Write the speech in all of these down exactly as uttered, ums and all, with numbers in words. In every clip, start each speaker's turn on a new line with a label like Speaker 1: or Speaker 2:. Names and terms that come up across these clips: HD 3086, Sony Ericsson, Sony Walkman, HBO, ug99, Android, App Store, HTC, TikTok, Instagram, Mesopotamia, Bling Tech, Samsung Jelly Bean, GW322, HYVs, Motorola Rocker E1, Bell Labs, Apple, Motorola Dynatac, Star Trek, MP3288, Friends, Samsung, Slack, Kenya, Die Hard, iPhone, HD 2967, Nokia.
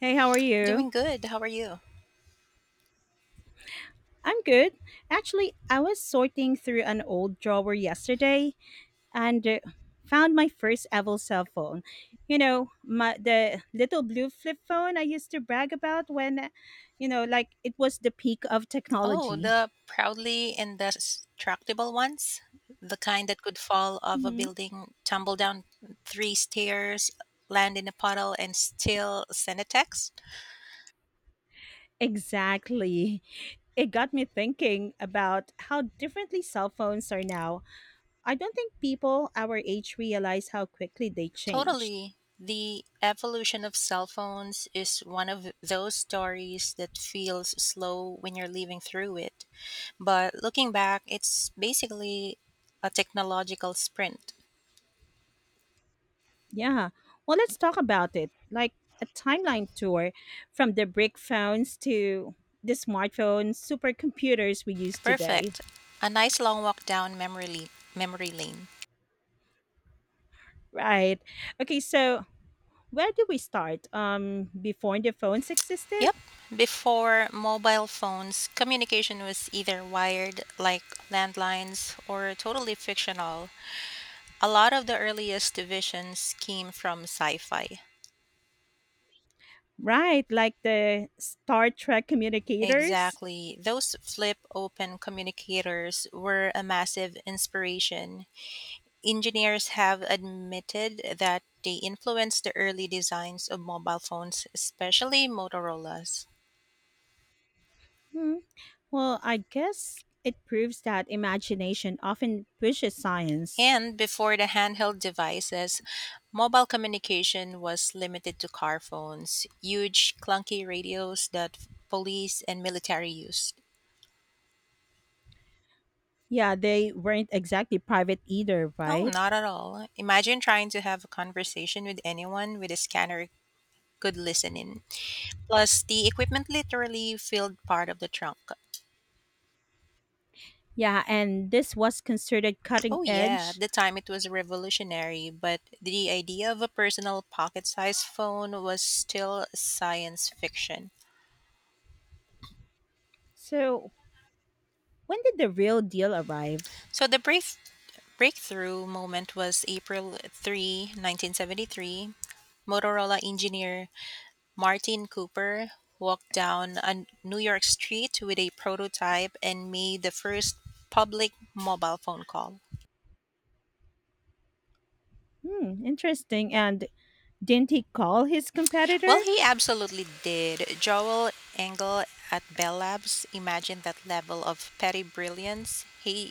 Speaker 1: Hey, how are you?
Speaker 2: Doing good. How are you?
Speaker 1: I'm good. Actually, I was sorting through an old drawer yesterday and uh, found my first ever cell phone. You know, my the little blue flip phone I used to brag about when, you know, like it was the peak of
Speaker 2: Oh,
Speaker 1: technology.
Speaker 2: the proudly indestructible ones, the kind that could fall off a
Speaker 1: Hmm.
Speaker 2: building, tumble down three stairs, land in a puddle, and still send a text.
Speaker 1: Exactly. It got me thinking about how differently cell phones are now. I don't think people our age realize how quickly they changed.
Speaker 2: Totally. The evolution of cell phones is one of those stories that feels slow when you're living through it. But looking back, it's basically a technological sprint.
Speaker 1: Yeah. Well, let's talk about it. Like a timeline tour from the brick phones to the smartphones, supercomputers we use today.
Speaker 2: Perfect. A nice long walk down memory, le- memory lane.
Speaker 1: Right. Okay, so, where do we start? Um, before the phones existed?
Speaker 2: Yep. Before mobile phones, communication was either wired, like landlines, or totally fictional. A lot of the earliest visions came from sci fi.
Speaker 1: Right, like the Star Trek communicators?
Speaker 2: Exactly. Those flip open communicators were a massive inspiration. Engineers have admitted that they influenced the early designs of mobile phones, especially Motorola's.
Speaker 1: Hmm. Well, I guess it proves that imagination often pushes science.
Speaker 2: And before the handheld devices, mobile communication was limited to car phones, huge, clunky radios that police and military used.
Speaker 1: Yeah, they weren't exactly private either,
Speaker 2: No,
Speaker 1: right?
Speaker 2: not at all. Imagine trying to have a conversation with anyone with a scanner could listen in. Plus, the equipment literally filled part of the trunk.
Speaker 1: Yeah, and this was considered cutting
Speaker 2: Oh, yeah,
Speaker 1: edge.
Speaker 2: at the time it was revolutionary, but the idea of a personal pocket sized phone was still science fiction.
Speaker 1: So, when did the real deal arrive?
Speaker 2: So the brief breakthrough moment was April third, nineteen seventy-three. Motorola engineer Martin Cooper walked down a New York street with a prototype and made the first public mobile phone call.
Speaker 1: Hmm, interesting. And didn't he call his
Speaker 2: Well,
Speaker 1: competitor?
Speaker 2: he absolutely did. Joel Engel at Bell Labs imagined that level of petty brilliance. Hey,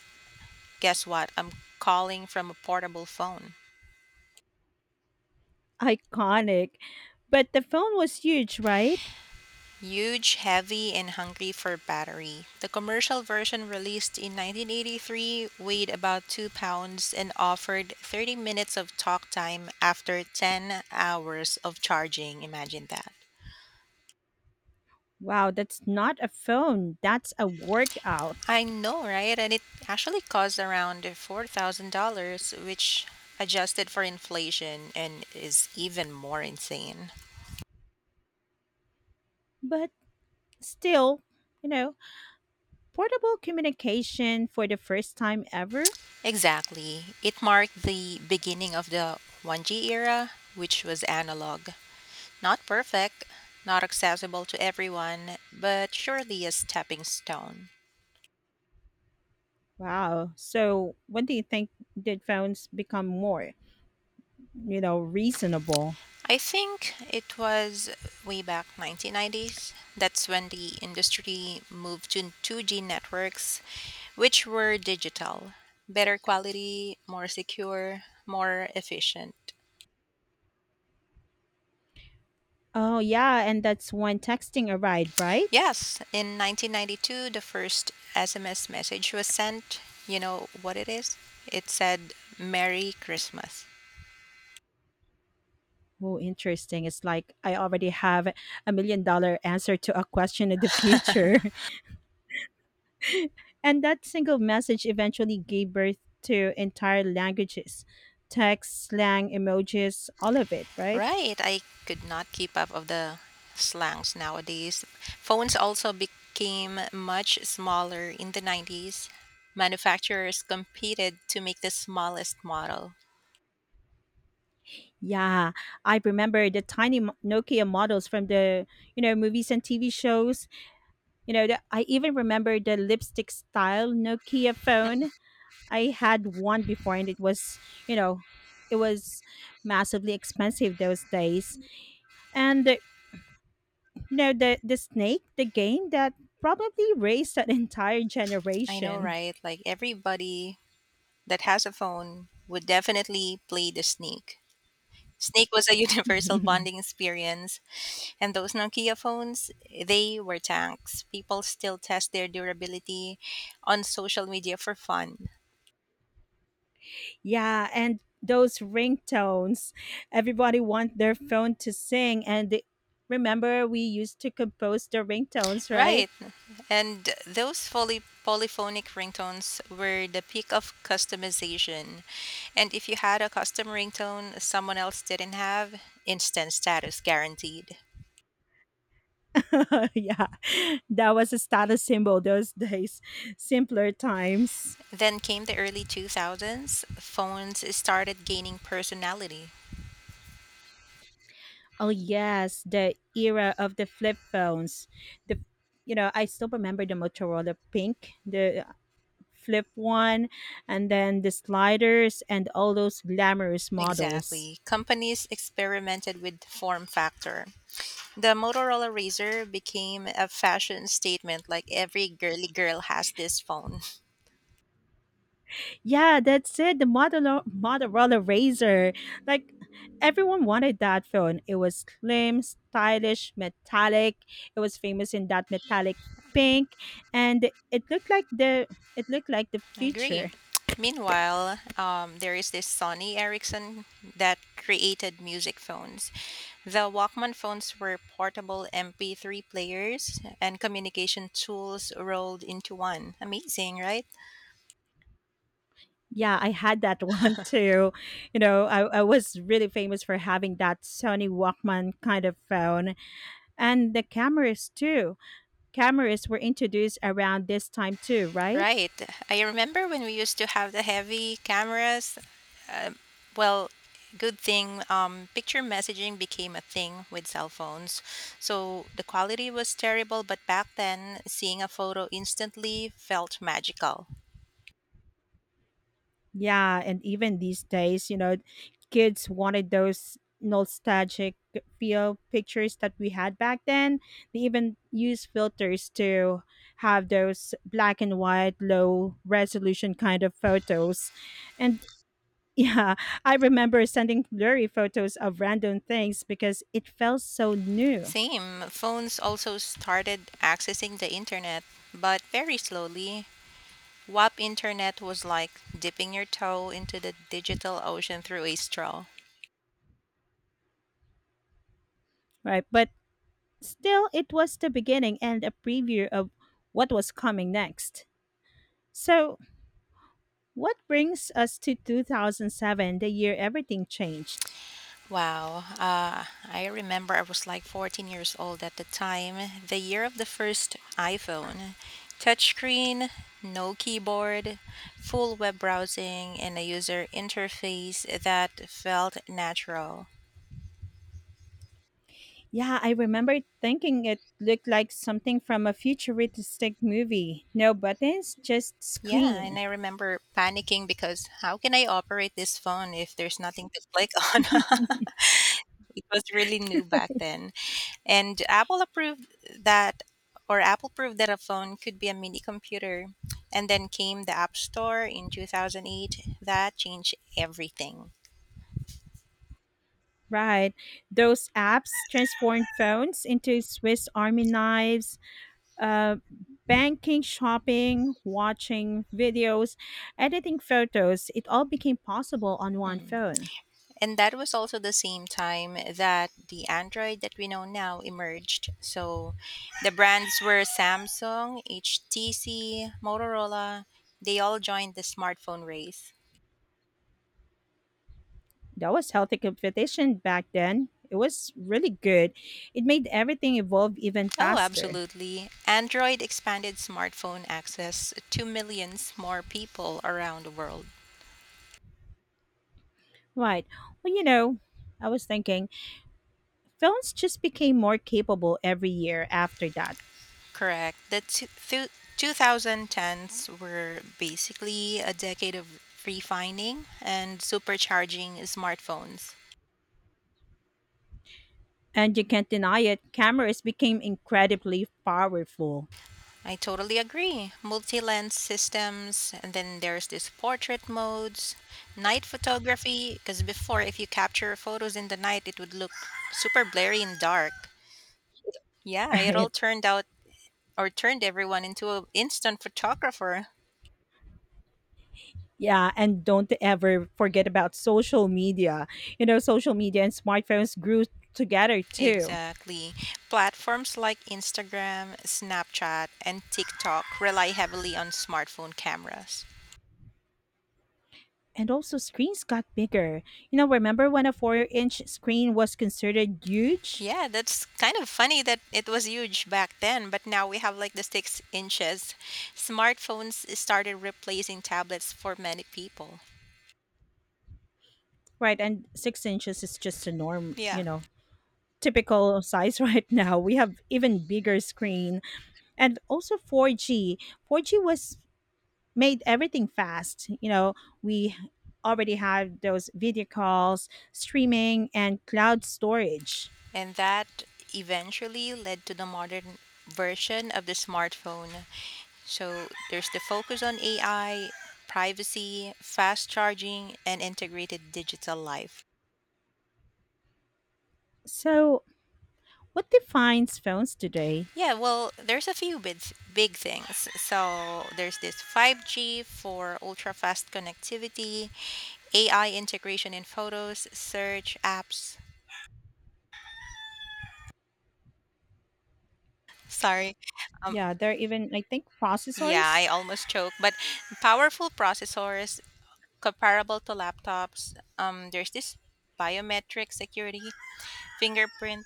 Speaker 2: guess what? I'm calling from a portable phone.
Speaker 1: Iconic. But the phone was huge, right?
Speaker 2: Huge, heavy, and hungry for battery. The commercial version released in nineteen eighty-three weighed about two pounds and offered thirty minutes of talk time after ten hours of charging. Imagine that.
Speaker 1: Wow, that's not a phone, that's a workout.
Speaker 2: I know, right? And it actually cost around four thousand dollars which adjusted for inflation and is even more insane.
Speaker 1: But still, you know, portable communication for the first time ever.
Speaker 2: Exactly. It marked the beginning of the one G era, which was analog. Not perfect, not accessible to everyone, but surely a stepping stone.
Speaker 1: Wow. So, when do you think did phones become more, you know, reasonable?
Speaker 2: I think it was way back nineteen nineties. That's when the industry moved to two G networks, which were digital, better quality, more secure, more efficient.
Speaker 1: Oh, yeah, and that's when texting arrived, right?
Speaker 2: Yes, in nineteen ninety-two, the first S M S message was sent. You know what it is? It said, Merry Christmas.
Speaker 1: Oh, interesting. It's like I already have a million dollar answer to a question in the future. And that single message eventually gave birth to entire languages: text, slang, emojis, all of it, right?
Speaker 2: Right. I could not keep up of the slangs nowadays. Phones also became much smaller in the nineties. Manufacturers competed to make the smallest model.
Speaker 1: Yeah, I remember the tiny mo- Nokia models from the, you know, movies and T V shows. You know, the, I even remember the lipstick style Nokia phone. I had one before and it was, you know, it was massively expensive those days and You know, the, the snake, the game that probably raised an entire
Speaker 2: I know,
Speaker 1: generation.
Speaker 2: right? Like everybody that has a phone would definitely play the snake. Snake was a universal bonding experience, and those Nokia phones, they were tanks. People still test their durability on social media for fun.
Speaker 1: Yeah, and those ringtones. Everybody want their phone to sing and they, remember we used to compose the ringtones, right?
Speaker 2: Right. And those fully polyphonic ringtones were the peak of customization. And if you had a custom ringtone someone else didn't have, instant status guaranteed.
Speaker 1: Yeah. That was a status symbol those days. Simpler times.
Speaker 2: Then came the early two thousands, phones started gaining personality.
Speaker 1: Oh yes, the era of the flip phones. The you know, I still remember the Motorola Pink. The flip one, and then the sliders and all those glamorous models.
Speaker 2: Exactly. Companies experimented with form factor. The Motorola Razr became a fashion statement like every girly girl has this phone.
Speaker 1: Yeah, that's it. The Motorola, Motorola Razor. Like everyone wanted that phone. It was slim, stylish, metallic. It was famous in that metallic pink, and it looked like the it looked like the
Speaker 2: I agree.
Speaker 1: future.
Speaker 2: Meanwhile, um, there is this Sony Ericsson that created music phones. The Walkman phones were portable M P three players and communication tools rolled into one. Amazing, right?
Speaker 1: Yeah, I had that one too. You know, I, I was really famous for having that Sony Walkman kind of phone and the cameras too. Cameras were introduced around this time too, right?
Speaker 2: Right. I remember when we used to have the heavy cameras. Um well, good thing um, picture messaging became a thing with cell phones. So the quality was terrible, but back then, seeing a photo instantly felt magical.
Speaker 1: Yeah, and even these days, you know, kids wanted those nostalgic feel pictures that we had back then. They even use filters to have those black and white, low resolution kind of photos. And yeah, I remember sending blurry photos of random things because it felt so new,
Speaker 2: Same. Phones also started accessing the internet, but very slowly. wap internet was like dipping your toe into the digital ocean through a straw.
Speaker 1: right? But still, it was the beginning and a preview of what was coming next. So, what brings us to two thousand seven, the year everything changed?
Speaker 2: Wow. Uh, I remember I was like fourteen years old at the time, the year of the first iPhone. Touchscreen, no keyboard, full web browsing, and a user interface that felt natural.
Speaker 1: Yeah, I remember thinking it looked like something from a futuristic movie. No buttons, just
Speaker 2: Yeah, and
Speaker 1: screen.
Speaker 2: I remember panicking because how can I operate this phone if there's nothing to click on? It was really new back then. And Apple approved that, or Apple proved that a phone could be a mini computer. And then came the App Store in two thousand eight. That changed everything.
Speaker 1: Right. Those apps transformed phones into Swiss Army knives, uh, banking, shopping, watching videos, editing photos, it all became possible on one
Speaker 2: Mhm.
Speaker 1: phone.
Speaker 2: And that was also the same time that the Android that we know now emerged. So the brands were Samsung, H T C, Motorola, they all joined the smartphone race.
Speaker 1: That was healthy competition back then. It was really good. It made everything evolve even
Speaker 2: Oh,
Speaker 1: faster.
Speaker 2: absolutely. Android expanded smartphone access to millions more people around the world.
Speaker 1: Right. Well, you know, I was thinking phones just became more capable every year after that.
Speaker 2: Correct. The two, th- two thousand tens were basically a decade of refining and supercharging smartphones.
Speaker 1: And you can't deny it, cameras became incredibly powerful.
Speaker 2: I totally agree. Multi-lens systems, and then there's this portrait modes, night photography. Because before, if you capture photos in the night, it would look super blurry and dark. Yeah, it all
Speaker 1: Right.
Speaker 2: turned out or turned everyone into an instant photographer.
Speaker 1: Yeah, and don't ever forget about social media. You know, social media and smartphones grew together too.
Speaker 2: Exactly. Platforms like Instagram, Snapchat, and TikTok rely heavily on smartphone cameras.
Speaker 1: And also, screens got bigger. You know, remember when a four inch screen was considered huge?
Speaker 2: Yeah, that's kind of funny that it was huge back then, but now we have like the six inches. Smartphones started replacing tablets for many people.
Speaker 1: Right, and six inches is just a norm, you
Speaker 2: Yeah.
Speaker 1: know, typical size right now. We have even bigger screen. And also four G. four G was made everything fast. You know, we already have those video calls, streaming, and cloud storage.
Speaker 2: And that eventually led to the modern version of the smartphone. So there's the focus on A I, privacy, fast charging, and integrated digital life.
Speaker 1: So, what defines phones today?
Speaker 2: Yeah, well, there's a few big, big things. So there's this five G for ultra fast connectivity, A I integration in photos, search apps. Sorry. Um,
Speaker 1: Yeah, there are even, I think,
Speaker 2: yeah,
Speaker 1: processors.
Speaker 2: I almost choke. But powerful processors comparable to laptops. Um, there's this biometric security, fingerprint,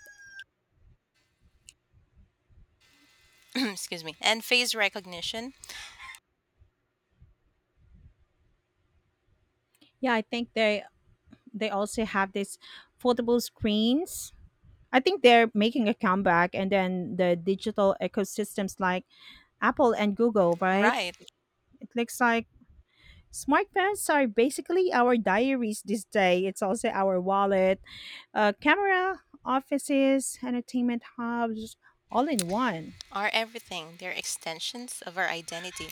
Speaker 2: excuse me, and face recognition.
Speaker 1: Yeah, I think they they also have these foldable screens. I think they're making a comeback, and then the digital ecosystems like Apple and Google, right?
Speaker 2: Right,
Speaker 1: It looks like smartphones are basically our diaries this day. It's also our wallet, uh, camera, offices, entertainment hubs, all in one.
Speaker 2: are everything. They're extensions of our identity.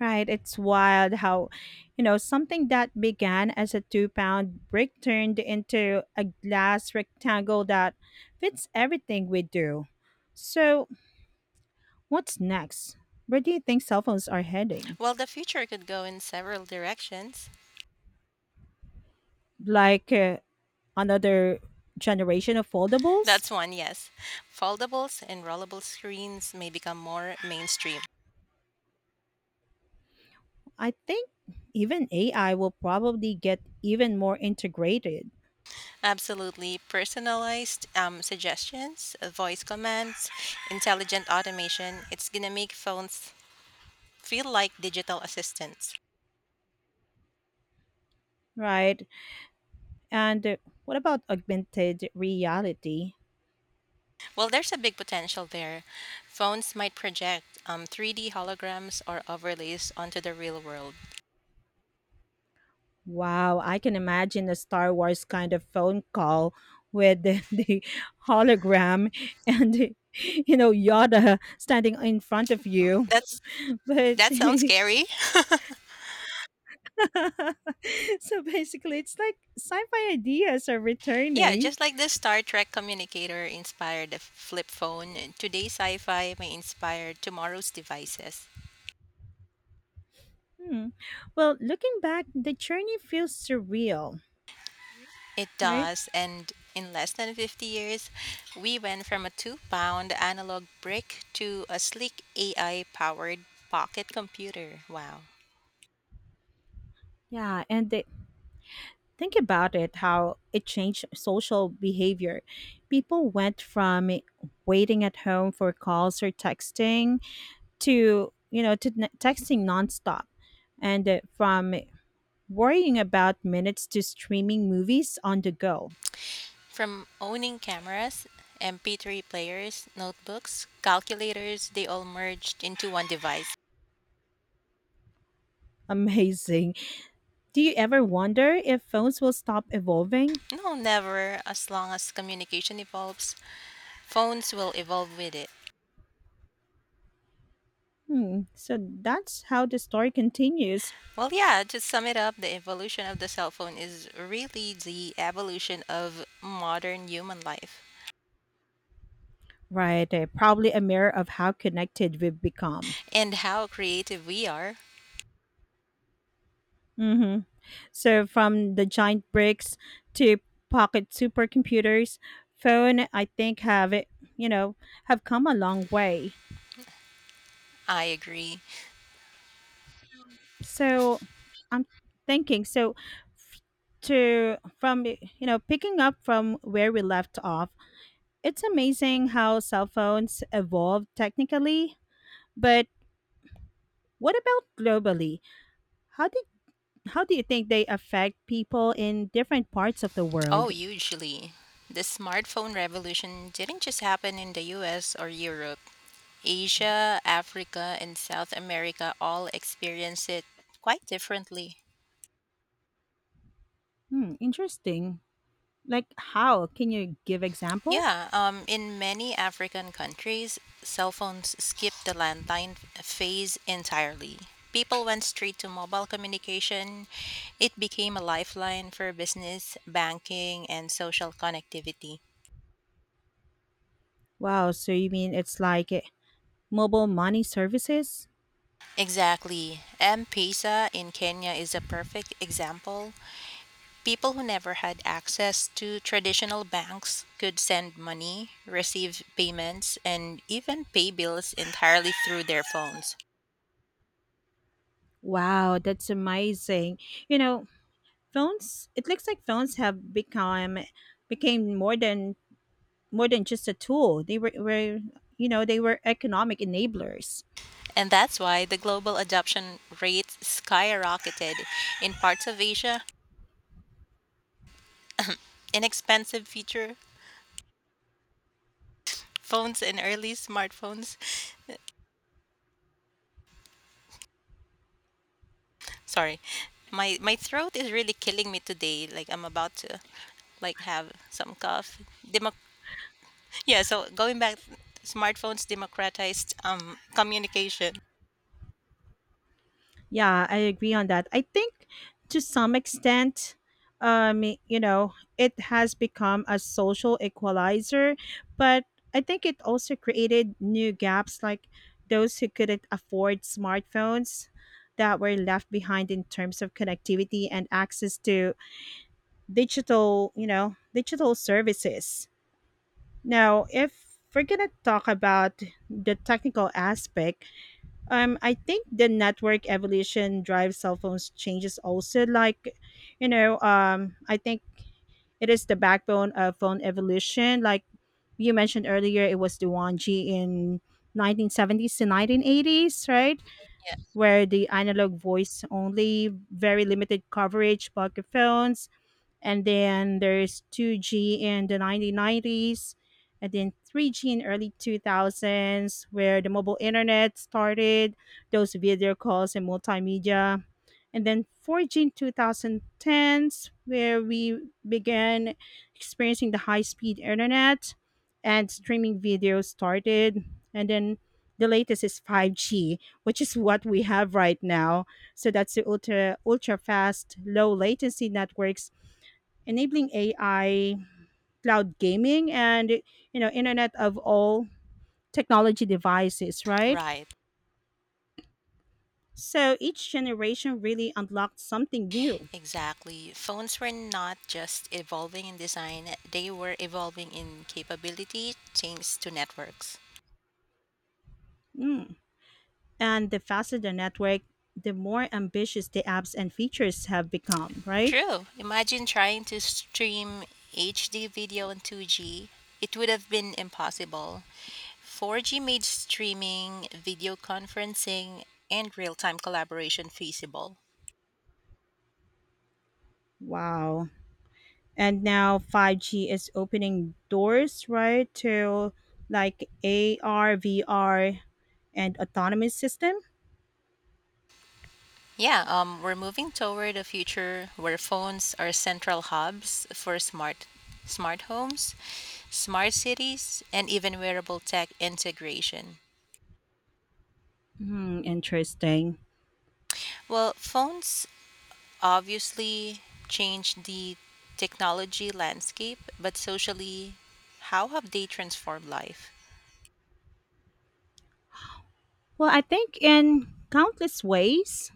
Speaker 1: Right, it's wild how, you know, something that began as a two pound brick turned into a glass rectangle that fits everything we do. So, what's next? Where do you think cell phones are heading?
Speaker 2: Well, the future could go in several directions.
Speaker 1: Like uh, another generation of foldables?
Speaker 2: That's one, yes. Foldables and rollable screens may become more mainstream.
Speaker 1: I think even A I will probably get even more integrated,
Speaker 2: Absolutely. Personalized um, suggestions, uh, voice commands, intelligent automation. It's going to make phones feel like digital assistants.
Speaker 1: right? And uh, what about augmented reality?
Speaker 2: Well, there's a big potential there. Phones might project um, three D holograms or overlays onto the real world.
Speaker 1: Wow, I can imagine a Star Wars kind of phone call with the, the hologram and you know Yoda standing in front of you.
Speaker 2: That's
Speaker 1: But
Speaker 2: that sounds scary.
Speaker 1: so basically, it's like sci-fi ideas are
Speaker 2: Yeah,
Speaker 1: returning.
Speaker 2: just like the Star Trek communicator inspired the flip phone, today's sci fi may inspire tomorrow's devices.
Speaker 1: Hmm. Well, looking back, the journey feels surreal,
Speaker 2: It
Speaker 1: right?
Speaker 2: does, and in less than fifty years, we went from a two pound analog brick to a sleek A I powered pocket computer. Wow.
Speaker 1: Yeah, and the, think about it how it changed social behavior. People went from waiting at home for calls or texting to you know to n- texting nonstop and uh, from worrying about minutes to streaming movies on the go.
Speaker 2: From owning cameras, M P three players, notebooks, calculators, they all merged into one device.
Speaker 1: Amazing. Do you ever wonder if phones will stop evolving?
Speaker 2: No, never. As long as communication evolves, phones will evolve with it.
Speaker 1: Hmm. So that's how the story continues,
Speaker 2: Well, yeah, to sum it up, the evolution of the cell phone is really the evolution of modern human life.
Speaker 1: right? Uh, probably a mirror of how connected we've become.
Speaker 2: And how creative we are,
Speaker 1: Hmm. So from the giant bricks to pocket supercomputers, phone I think have you know have come a long way.
Speaker 2: I agree.
Speaker 1: So I'm thinking, so, f- to from you know picking up from where we left off, it's amazing how cell phones evolved technically, but what about globally? How did how do you think they affect people in different parts of the
Speaker 2: Oh,
Speaker 1: world?
Speaker 2: hugely. The smartphone revolution didn't just happen in the U S or Europe. Asia, Africa, and South America all experience it quite differently.
Speaker 1: Hmm, interesting. Like how? Can you give example?
Speaker 2: Yeah, um, in many African countries, cell phones skipped the landline f- phase entirely. People went straight to mobile communication. It became a lifeline for business, banking, and social connectivity.
Speaker 1: Wow, so you mean it's like eh, mobile money services?
Speaker 2: Exactly. M Pesa in Kenya is a perfect example. People who never had access to traditional banks could send money, receive payments, and even pay bills entirely through their phones.
Speaker 1: Wow, that's amazing. You know, Phones, it looks like phones have become became more than more than just a tool. They were, were you know, they were economic enablers.
Speaker 2: And that's why the global adoption rate skyrocketed. In parts of Asia, inexpensive feature phones and early smartphones. Sorry. My my throat is really killing me today. Like I'm about to like have some cough. Demo- yeah, so going back smartphones democratized um communication.
Speaker 1: Yeah, I agree on that. I think to some extent, um, you know, it has become a social equalizer, but I think it also created new gaps like those who couldn't afford smartphones that were left behind in terms of connectivity and access to digital, you know, digital services. Now, if we're gonna talk about the technical aspect, um, I think the network evolution drives cell phones changes also. Like, you know, um, I think it is the backbone of phone evolution. Like you mentioned earlier, it was the one G in nineteen seventies to nineteen eighties, right?
Speaker 2: Yeah.
Speaker 1: Where the analog voice only, very limited coverage, pocket phones, and then there's two G in the nineteen nineties, and then three G in early two thousands, where the mobile internet started, those video calls and multimedia, and then four G in two thousand tens, where we began experiencing the high-speed internet, and streaming video started, and then the latest is five G, which is what we have right now. So that's the ultra ultra fast, low latency networks enabling A I, cloud gaming, and you know, Internet of all technology devices, right?
Speaker 2: Right.
Speaker 1: So each generation really unlocked something new.
Speaker 2: Exactly. Phones were not just evolving in design, they were evolving in capability thanks to networks.
Speaker 1: Mm. And the faster the network, the more ambitious the apps and features have become, right?
Speaker 2: True. Imagine trying to stream H D video on two G. It would have been impossible. four G made streaming, video conferencing, and real time collaboration feasible.
Speaker 1: Wow. And now five G is opening doors, right, to like A R, V R, and autonomous system.
Speaker 2: Yeah, um, we're moving toward a future where phones are central hubs for smart smart homes, smart cities, and even wearable tech integration.
Speaker 1: Hmm, interesting.
Speaker 2: Well, phones obviously changed the technology landscape, but socially, how have they transformed life?
Speaker 1: Well, I think in countless ways.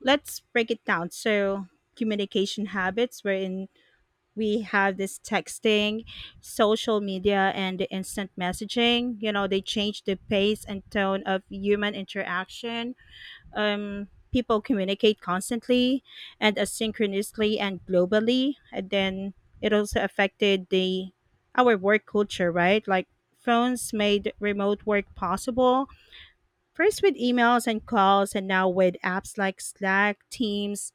Speaker 1: Let's break it down. So, communication habits, wherein we have this texting, social media, and the instant messaging. You know, they change the pace and tone of human interaction. um, people communicate constantly and asynchronously and globally. And then it also affected the our work culture, right? Like phones made remote work possible, first with emails and calls and now with apps like Slack, Teams,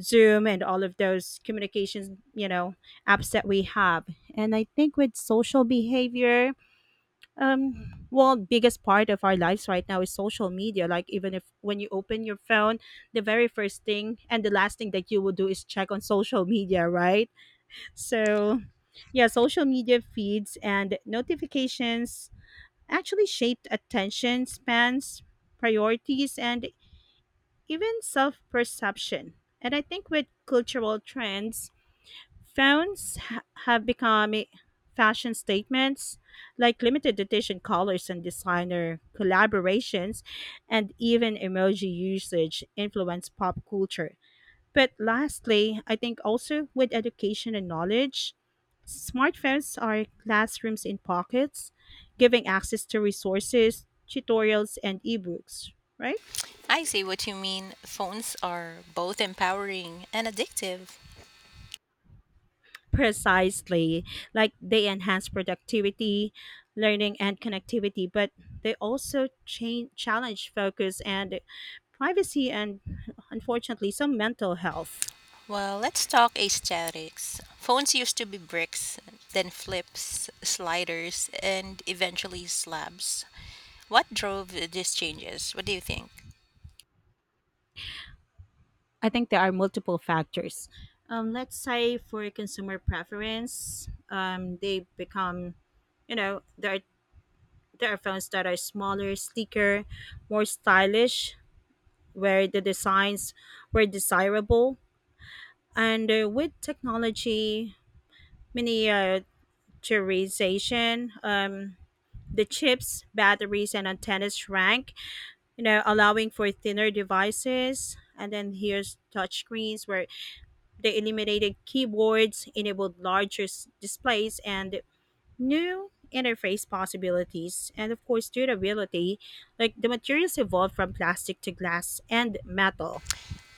Speaker 1: Zoom, and all of those communications, you know apps that we have. And I think with social behavior, um well, biggest part of our lives right now is social media. Like even if when you open your phone, the very first thing and the last thing that you will do is check on social media, right? So, yeah, social media feeds and notifications actually shaped attention spans, priorities, and even self-perception. And I think with cultural trends, phones ha- have become i- fashion statements, like limited edition colors and designer collaborations, and even emoji usage influence pop culture. But lastly, I think also with education and knowledge, smartphones are classrooms in pockets, giving access to resources, tutorials, and ebooks, right?
Speaker 2: I see what you mean. Phones are both empowering and addictive.
Speaker 1: Precisely. Like they enhance productivity, learning, and connectivity, but they also change, challenge focus and privacy, and unfortunately, some mental health.
Speaker 2: Well, let's talk aesthetics. Phones used to be bricks, then flips, sliders, and eventually slabs. What drove these changes? What do you think?
Speaker 1: I think there are multiple factors. Um, let's say for consumer preference, um, they become, you know, there are, there are phones that are smaller, sleeker, more stylish, where the designs were desirable. And uh, with technology, miniaturization. Um, the chips, batteries, and antennas shrank, you know, allowing for thinner devices. And then here's touchscreens where they eliminated keyboards, enabled larger s- displays, and new interface possibilities. And of course, durability, like the materials evolved from plastic to glass and metal.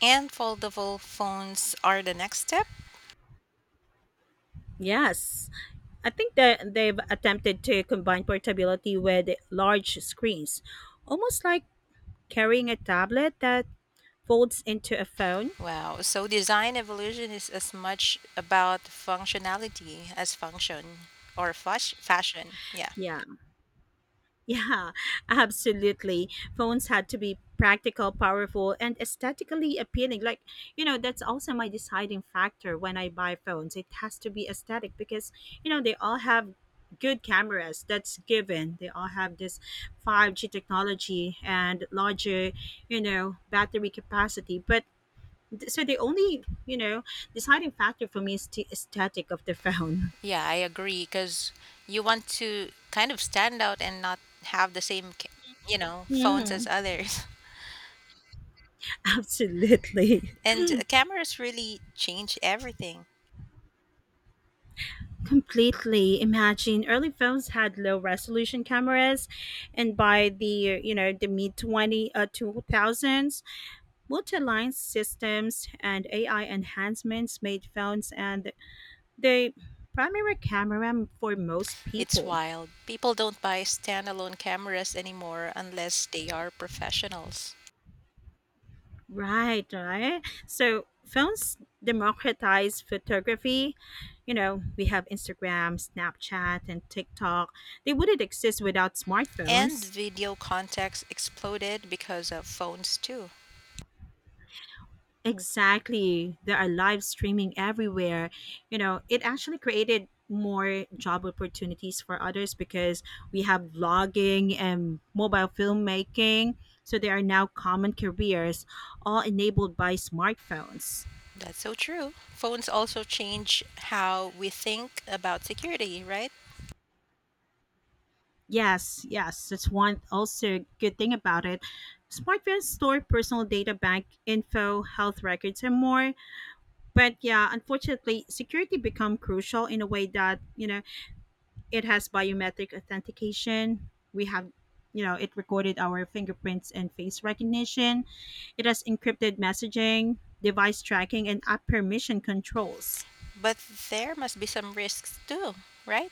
Speaker 2: And foldable phones are the next step?
Speaker 1: Yes, I think that they've attempted to combine portability with large screens, almost like Carrying a tablet that folds into a phone?
Speaker 2: Wow. So design evolution is as much about functionality as function or fash- fashion. Yeah.
Speaker 1: Yeah, yeah, absolutely. Phones had to be practical, powerful, and aesthetically appealing. Like, you know, that's also my deciding factor when I buy phones. It has to be aesthetic because, you know, they all have good cameras. That's given. They all have this five g technology and larger you know battery capacity. But th- so the only you know deciding factor for me is the aesthetic of the phone.
Speaker 2: Yeah, I agree because you want to kind of stand out and not have the same, ca- you know, phones as others.
Speaker 1: Absolutely.
Speaker 2: And cameras really change everything.
Speaker 1: Completely, imagine early phones had low resolution cameras. And by the you know the mid twenty uh, two thousands, multi-line systems and AI enhancements made phones and the primary camera for most
Speaker 2: It's
Speaker 1: people.
Speaker 2: wild. People don't buy standalone cameras anymore unless they are professionals.
Speaker 1: Right, right. So phones democratize photography. You know we have Instagram, Snapchat, and TikTok. They wouldn't exist without
Speaker 2: And
Speaker 1: smartphones.
Speaker 2: video contacts exploded because of phones too.
Speaker 1: Exactly. There are live streaming everywhere. You know, it actually created more job opportunities for others because we have vlogging and mobile filmmaking. So there are now common careers, all enabled by smartphones.
Speaker 2: That's so true. Phones also change how we think about security, right?
Speaker 1: Yes, yes, that's one also good thing about it. Smartphones store personal data, bank info, health records, and more. But yeah, unfortunately, security become crucial in a way that you know it has biometric authentication. We have, you know, it recorded our fingerprints and face recognition. It has encrypted messaging, device tracking, and app permission controls.
Speaker 2: But there must be some risks too, right?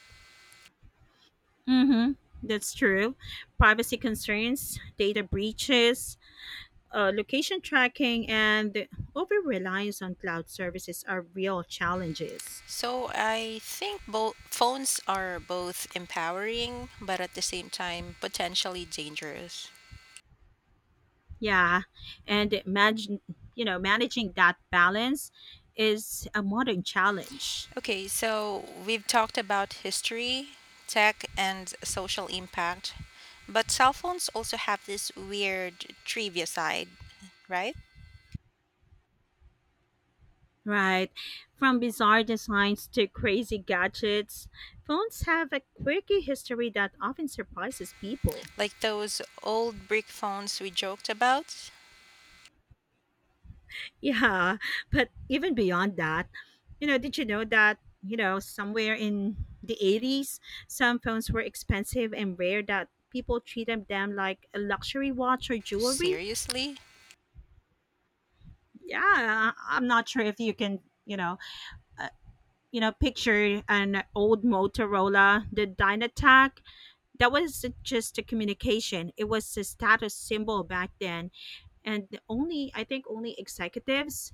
Speaker 1: Mm-hmm. That's true. Privacy concerns, data breaches, uh, location tracking, and the over reliance on cloud services are real challenges.
Speaker 2: So I think both phones are both empowering but at the same time potentially dangerous.
Speaker 1: Yeah, and manage, you know, managing that balance is a modern challenge.
Speaker 2: Okay, so we've talked about history, tech and social impact, but cell phones also have this weird trivia side, right?
Speaker 1: Right. From bizarre designs to crazy gadgets, phones have a quirky history that often surprises people.
Speaker 2: Like those old brick phones we joked about.
Speaker 1: Yeah, but even beyond that, you know, did you know that, you know, somewhere in the eighties, some phones were expensive and rare that people treated them like a luxury watch or jewelry?
Speaker 2: Seriously?
Speaker 1: Yeah, I- I'm not sure if you can, you know, uh, you know, picture an old Motorola, the Dynatac. That wasn't just a communication, it was a status symbol back then. And the only, I think, only executives,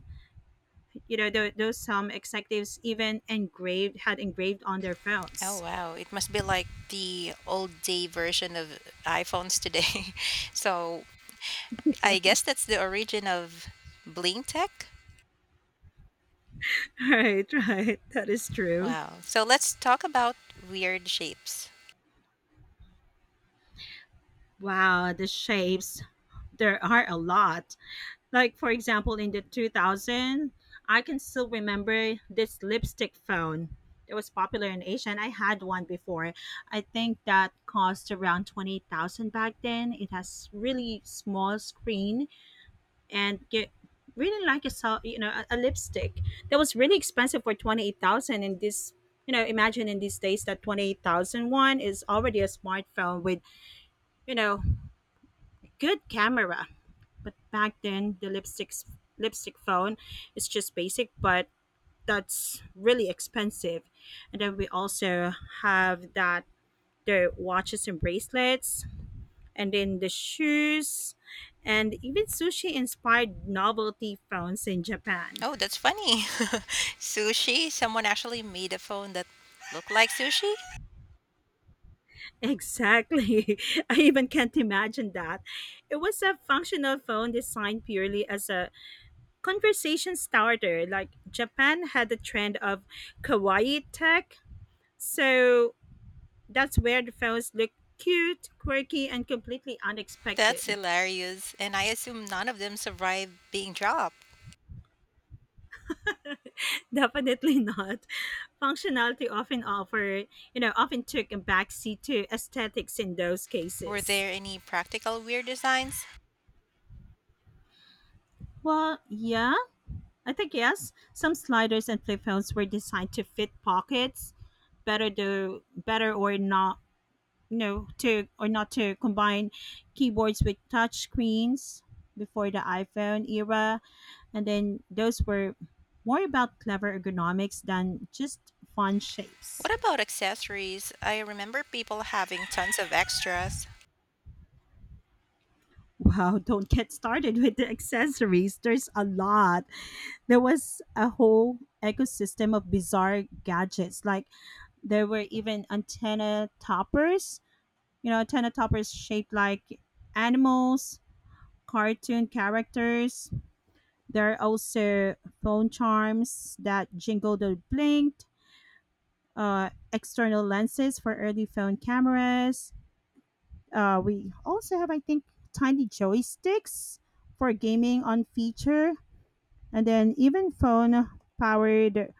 Speaker 1: you know, tho- those some executives even engraved, had engraved on their
Speaker 2: Oh
Speaker 1: phones.
Speaker 2: wow, it must be like the old day version of iPhones today. So I guess that's the origin of Bling Tech.
Speaker 1: Right, right. That is true.
Speaker 2: Wow. So let's talk about weird shapes.
Speaker 1: Wow, the shapes. There are a lot. Like for example, in the two thousand, I can still remember this lipstick phone. It was popular in Asia, and I had one before. I think that cost around twenty thousand back then. It has really small screen and get really like a sel- you know a, a lipstick. That was really expensive for twenty-eight thousand. And this, you know imagine, in these days, that twenty eight thousand one is already a smartphone with you know good camera. But back then, the lipstick lipstick phone is just basic, but that's really expensive. And then we also have that the watches and bracelets, and then the shoes, and even sushi inspired novelty phones in Japan.
Speaker 2: Oh, that's funny. Sushi? Someone actually made a phone that looked like sushi?
Speaker 1: Exactly. I even can't imagine that. It was a functional phone designed purely as a conversation starter. Like Japan had the trend of kawaii tech. So that's where the phones look cute, quirky, and completely
Speaker 2: That's
Speaker 1: unexpected.
Speaker 2: hilarious. And I assume none of them survived being dropped.
Speaker 1: Definitely not. Functionality often offer, you know, often took a backseat to aesthetics in those
Speaker 2: Were
Speaker 1: cases.
Speaker 2: there any practical weird designs?
Speaker 1: Well, yeah, I think yes. Some sliders and flip phones were designed to fit pockets, better do better or not no to or not to combine keyboards with touch screens before the iPhone era. And then those were more about clever ergonomics than just fun shapes.
Speaker 2: What about accessories? I remember people having tons of extras.
Speaker 1: Wow, don't get started with the accessories. There's a lot. There was a whole ecosystem of bizarre gadgets. Like there were even antenna toppers, you know, antenna toppers shaped like animals, cartoon characters. There are also phone charms that jingled or blinked, uh, external lenses for early phone cameras. Uh, we also have, I think, tiny joysticks for gaming on feature, and then even phone powered,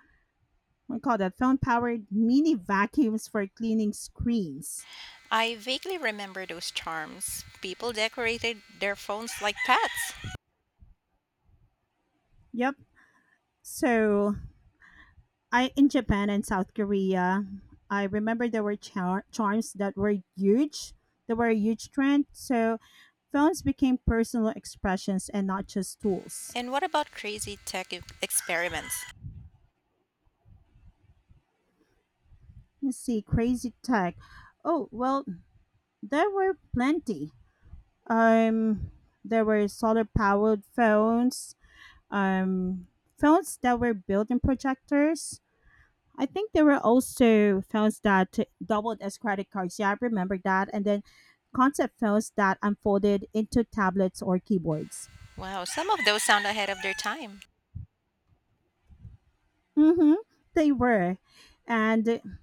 Speaker 1: we call that phone powered mini vacuums for cleaning screens.
Speaker 2: I vaguely remember those charms. People decorated their phones like pets.
Speaker 1: Yep. So I in Japan and South Korea, I remember there were char- charms that were huge. They were a huge trend. So phones became personal expressions and not just tools.
Speaker 2: And what about crazy tech e- experiments?
Speaker 1: Let's see, crazy tech. Oh well, there were plenty. Um, there were solar powered phones. Um, Phones that were built in projectors. I think there were also films that doubled as credit cards. Yeah, I remember that. And then concept films that unfolded into tablets or keyboards.
Speaker 2: Wow, some of those sound ahead of their time.
Speaker 1: Mm-hmm. They were. And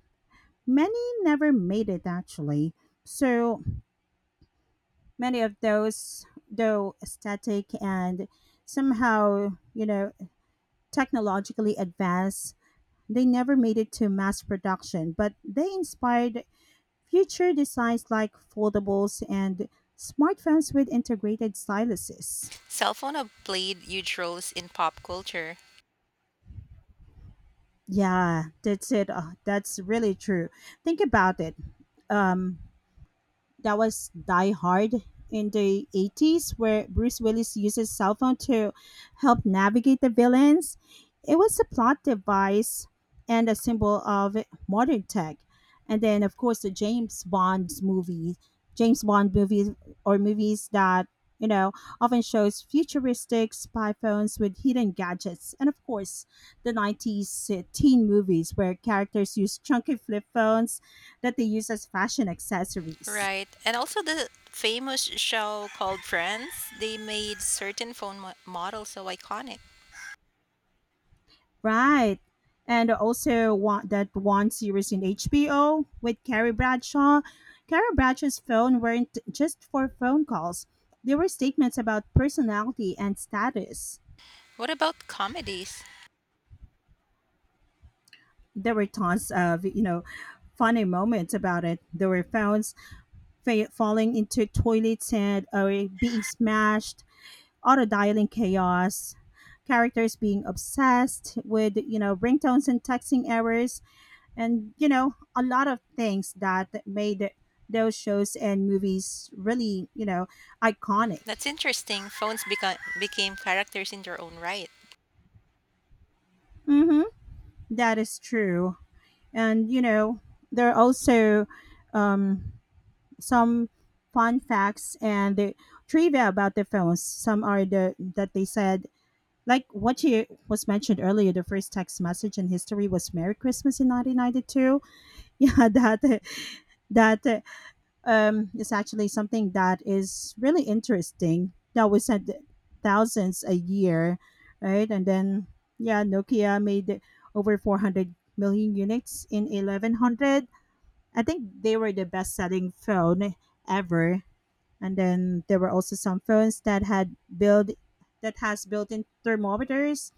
Speaker 1: many never made it actually. So many of those, though aesthetic and somehow, you know, technologically advanced, they never made it to mass production, but they inspired Future designs like foldables and smartphones with integrated styluses.
Speaker 2: Cell phone have played huge roles in pop culture,
Speaker 1: Yeah, that's it. Uh, that's really true. Think about it. Um, that was Die Hard in the eighties, where Bruce Willis uses cell phone to help navigate the villains. It was a plot device and a symbol of modern tech. And then of course the James Bond movie, James Bond movies, or movies that you know often shows futuristic spy phones with hidden gadgets, and of course the nineties teen movies where characters use chunky flip phones that they use as fashion accessories.
Speaker 2: right? And also the famous show called Friends, they made certain phone mo- models so iconic.
Speaker 1: Right. And also want that one series in H B O with Carrie Bradshaw. Carrie Bradshaw's phone weren't just for phone calls. There were statements about personality and status.
Speaker 2: What about comedies?
Speaker 1: There were tons of, you know, funny moments about it. There were phones fa- falling into toilets, and or being smashed, auto dialing chaos, characters being obsessed with, you know, ringtones and texting errors, and you know a lot of things that made those shows and movies really you know iconic.
Speaker 2: That's interesting. Phones beca- became characters in their own right.
Speaker 1: Mm-hmm. That is true. And you know there are also um, some fun facts and the trivia about the films. Some are the that they said, like what you was mentioned earlier: the first text message in history was "Merry Christmas" in nineteen ninety-two. Yeah, that that um, is actually something that is really interesting. Now we send thousands a year, right? And then yeah, Nokia made over four hundred million units in eleven hundred. I think they were the best selling phone ever. And then there were also some phones that had built that has built-in thermometers,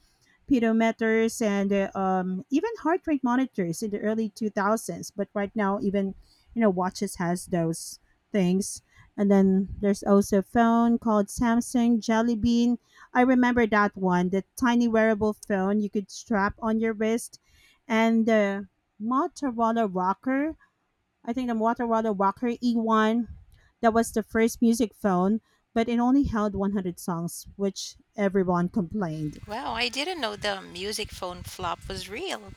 Speaker 1: pedometers, and uh, um, even heart rate monitors in the early two thousands. But right now even you know watches has those things. And then there's also a phone called Samsung Jelly Bean. I remember that one, the tiny wearable phone you could strap on your wrist. And the motorola rocker i think the Motorola Rocker E one, that was the first music phone, but it only held one hundred songs, which everyone complained.
Speaker 2: Wow, I didn't know the music phone flop was real.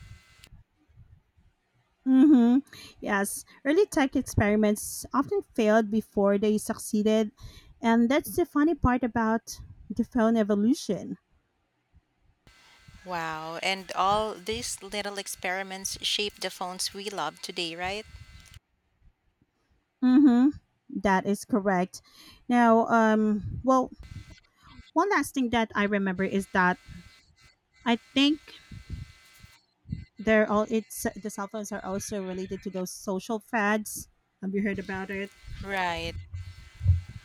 Speaker 1: Mm-hmm. Yes, early tech experiments often failed before they succeeded, and that's the funny part about the phone evolution.
Speaker 2: Wow. And all these little experiments shape the phones we love today, right?
Speaker 1: Mm-hmm. That is correct. Now, um, well, one last thing that I remember is that I think they're all it's the cell phones are also related to those social fads. Have you heard about it?
Speaker 2: Right.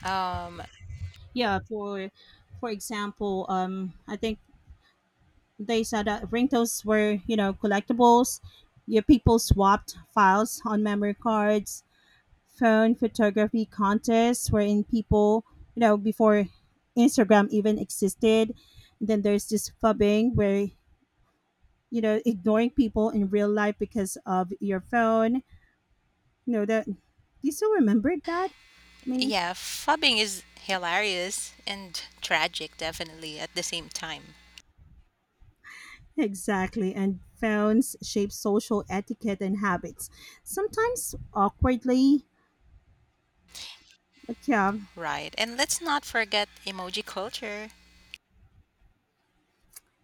Speaker 2: Um,
Speaker 1: Yeah, for for example, um, I think they said that ringtones were, you know, collectibles. Your people swapped files on memory cards. Phone photography contests wherein people, you know, before Instagram even existed. Then there's this fubbing where, you know, ignoring people in real life because of your phone. You know that. Do you still remember that? I mean,
Speaker 2: yeah, fubbing is hilarious and tragic, definitely, at the same time.
Speaker 1: exactly. And phones shape social etiquette and habits, sometimes awkwardly. But yeah,
Speaker 2: Right. And let's not forget emoji culture.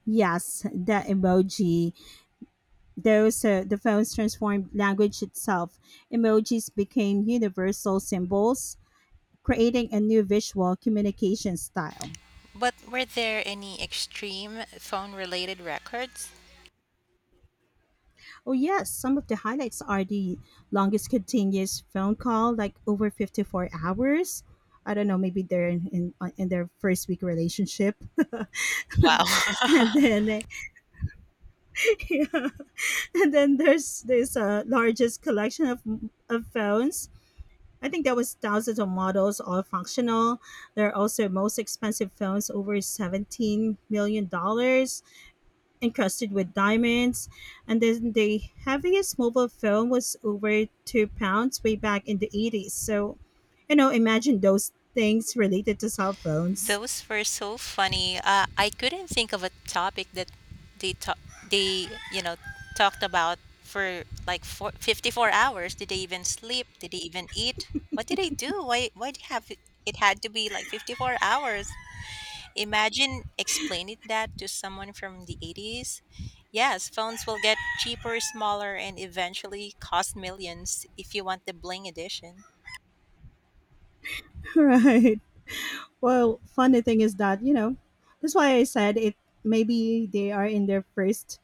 Speaker 1: yes, the emoji. Those uh, The phones transformed language itself. Emojis became universal symbols, creating a new visual communication style.
Speaker 2: But were there any extreme phone related records?
Speaker 1: Oh yes, some of the highlights are the longest continuous phone call, like over fifty-four hours. I don't know, maybe they're in in, on- in their first week relationship,
Speaker 2: Wow.
Speaker 1: and then uh, yeah. And then there's this uh, largest collection of of phones. I think there was thousands of models, all functional. They're also most expensive phones, over seventeen million dollars, encrusted with diamonds. And then the heaviest mobile phone was over two pounds way back in the eighties. So, you know, imagine those things related to cell phones.
Speaker 2: Those were so funny. Uh, I couldn't think of a topic that they ta- they you know talked about for like four, fifty-four hours. Did they even sleep? Did they even eat? What did they do? Why why did have it it had to be like fifty-four hours? Imagine explaining that to someone from the eighties. Yes, phones will get cheaper, smaller, and eventually cost millions if you want the bling edition.
Speaker 1: Right. Well, funny thing is that, you know, that's why I said it, maybe they are in their first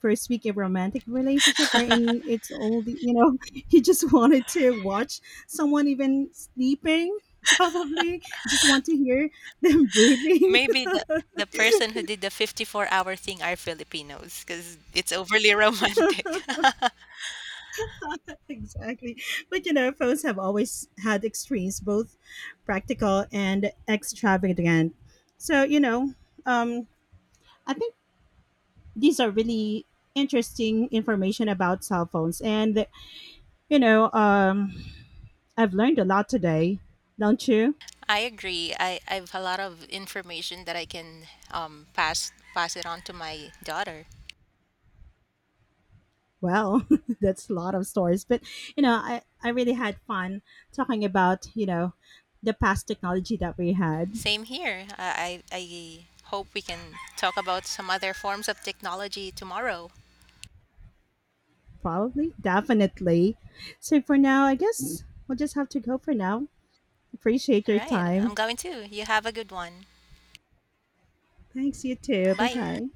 Speaker 1: first week of romantic relationship, wherein it's all the- you know he just wanted to watch someone even sleeping, probably just want to hear them breathing.
Speaker 2: Maybe the the person who did the fifty-four-hour thing are Filipinos because it's overly romantic.
Speaker 1: Exactly. But you know phones have always had extremes, both practical and extravagant. So you know um I think these are really interesting information about cell phones. And you know um I've learned a lot today, don't you?
Speaker 2: I agree. I, I have a lot of information that I can um, pass pass it on to my daughter.
Speaker 1: Well, that's a lot of stories. But you know, I I really had fun talking about you know the past technology that we had.
Speaker 2: Same here. I, I I hope we can talk about some other forms of technology tomorrow.
Speaker 1: Probably, definitely. So for now, I guess we'll just have to go for now. Appreciate
Speaker 2: All
Speaker 1: your
Speaker 2: right.
Speaker 1: time.
Speaker 2: I'm going to. You have a good one.
Speaker 1: Thanks, you too. Bye
Speaker 2: Bye.
Speaker 1: bye.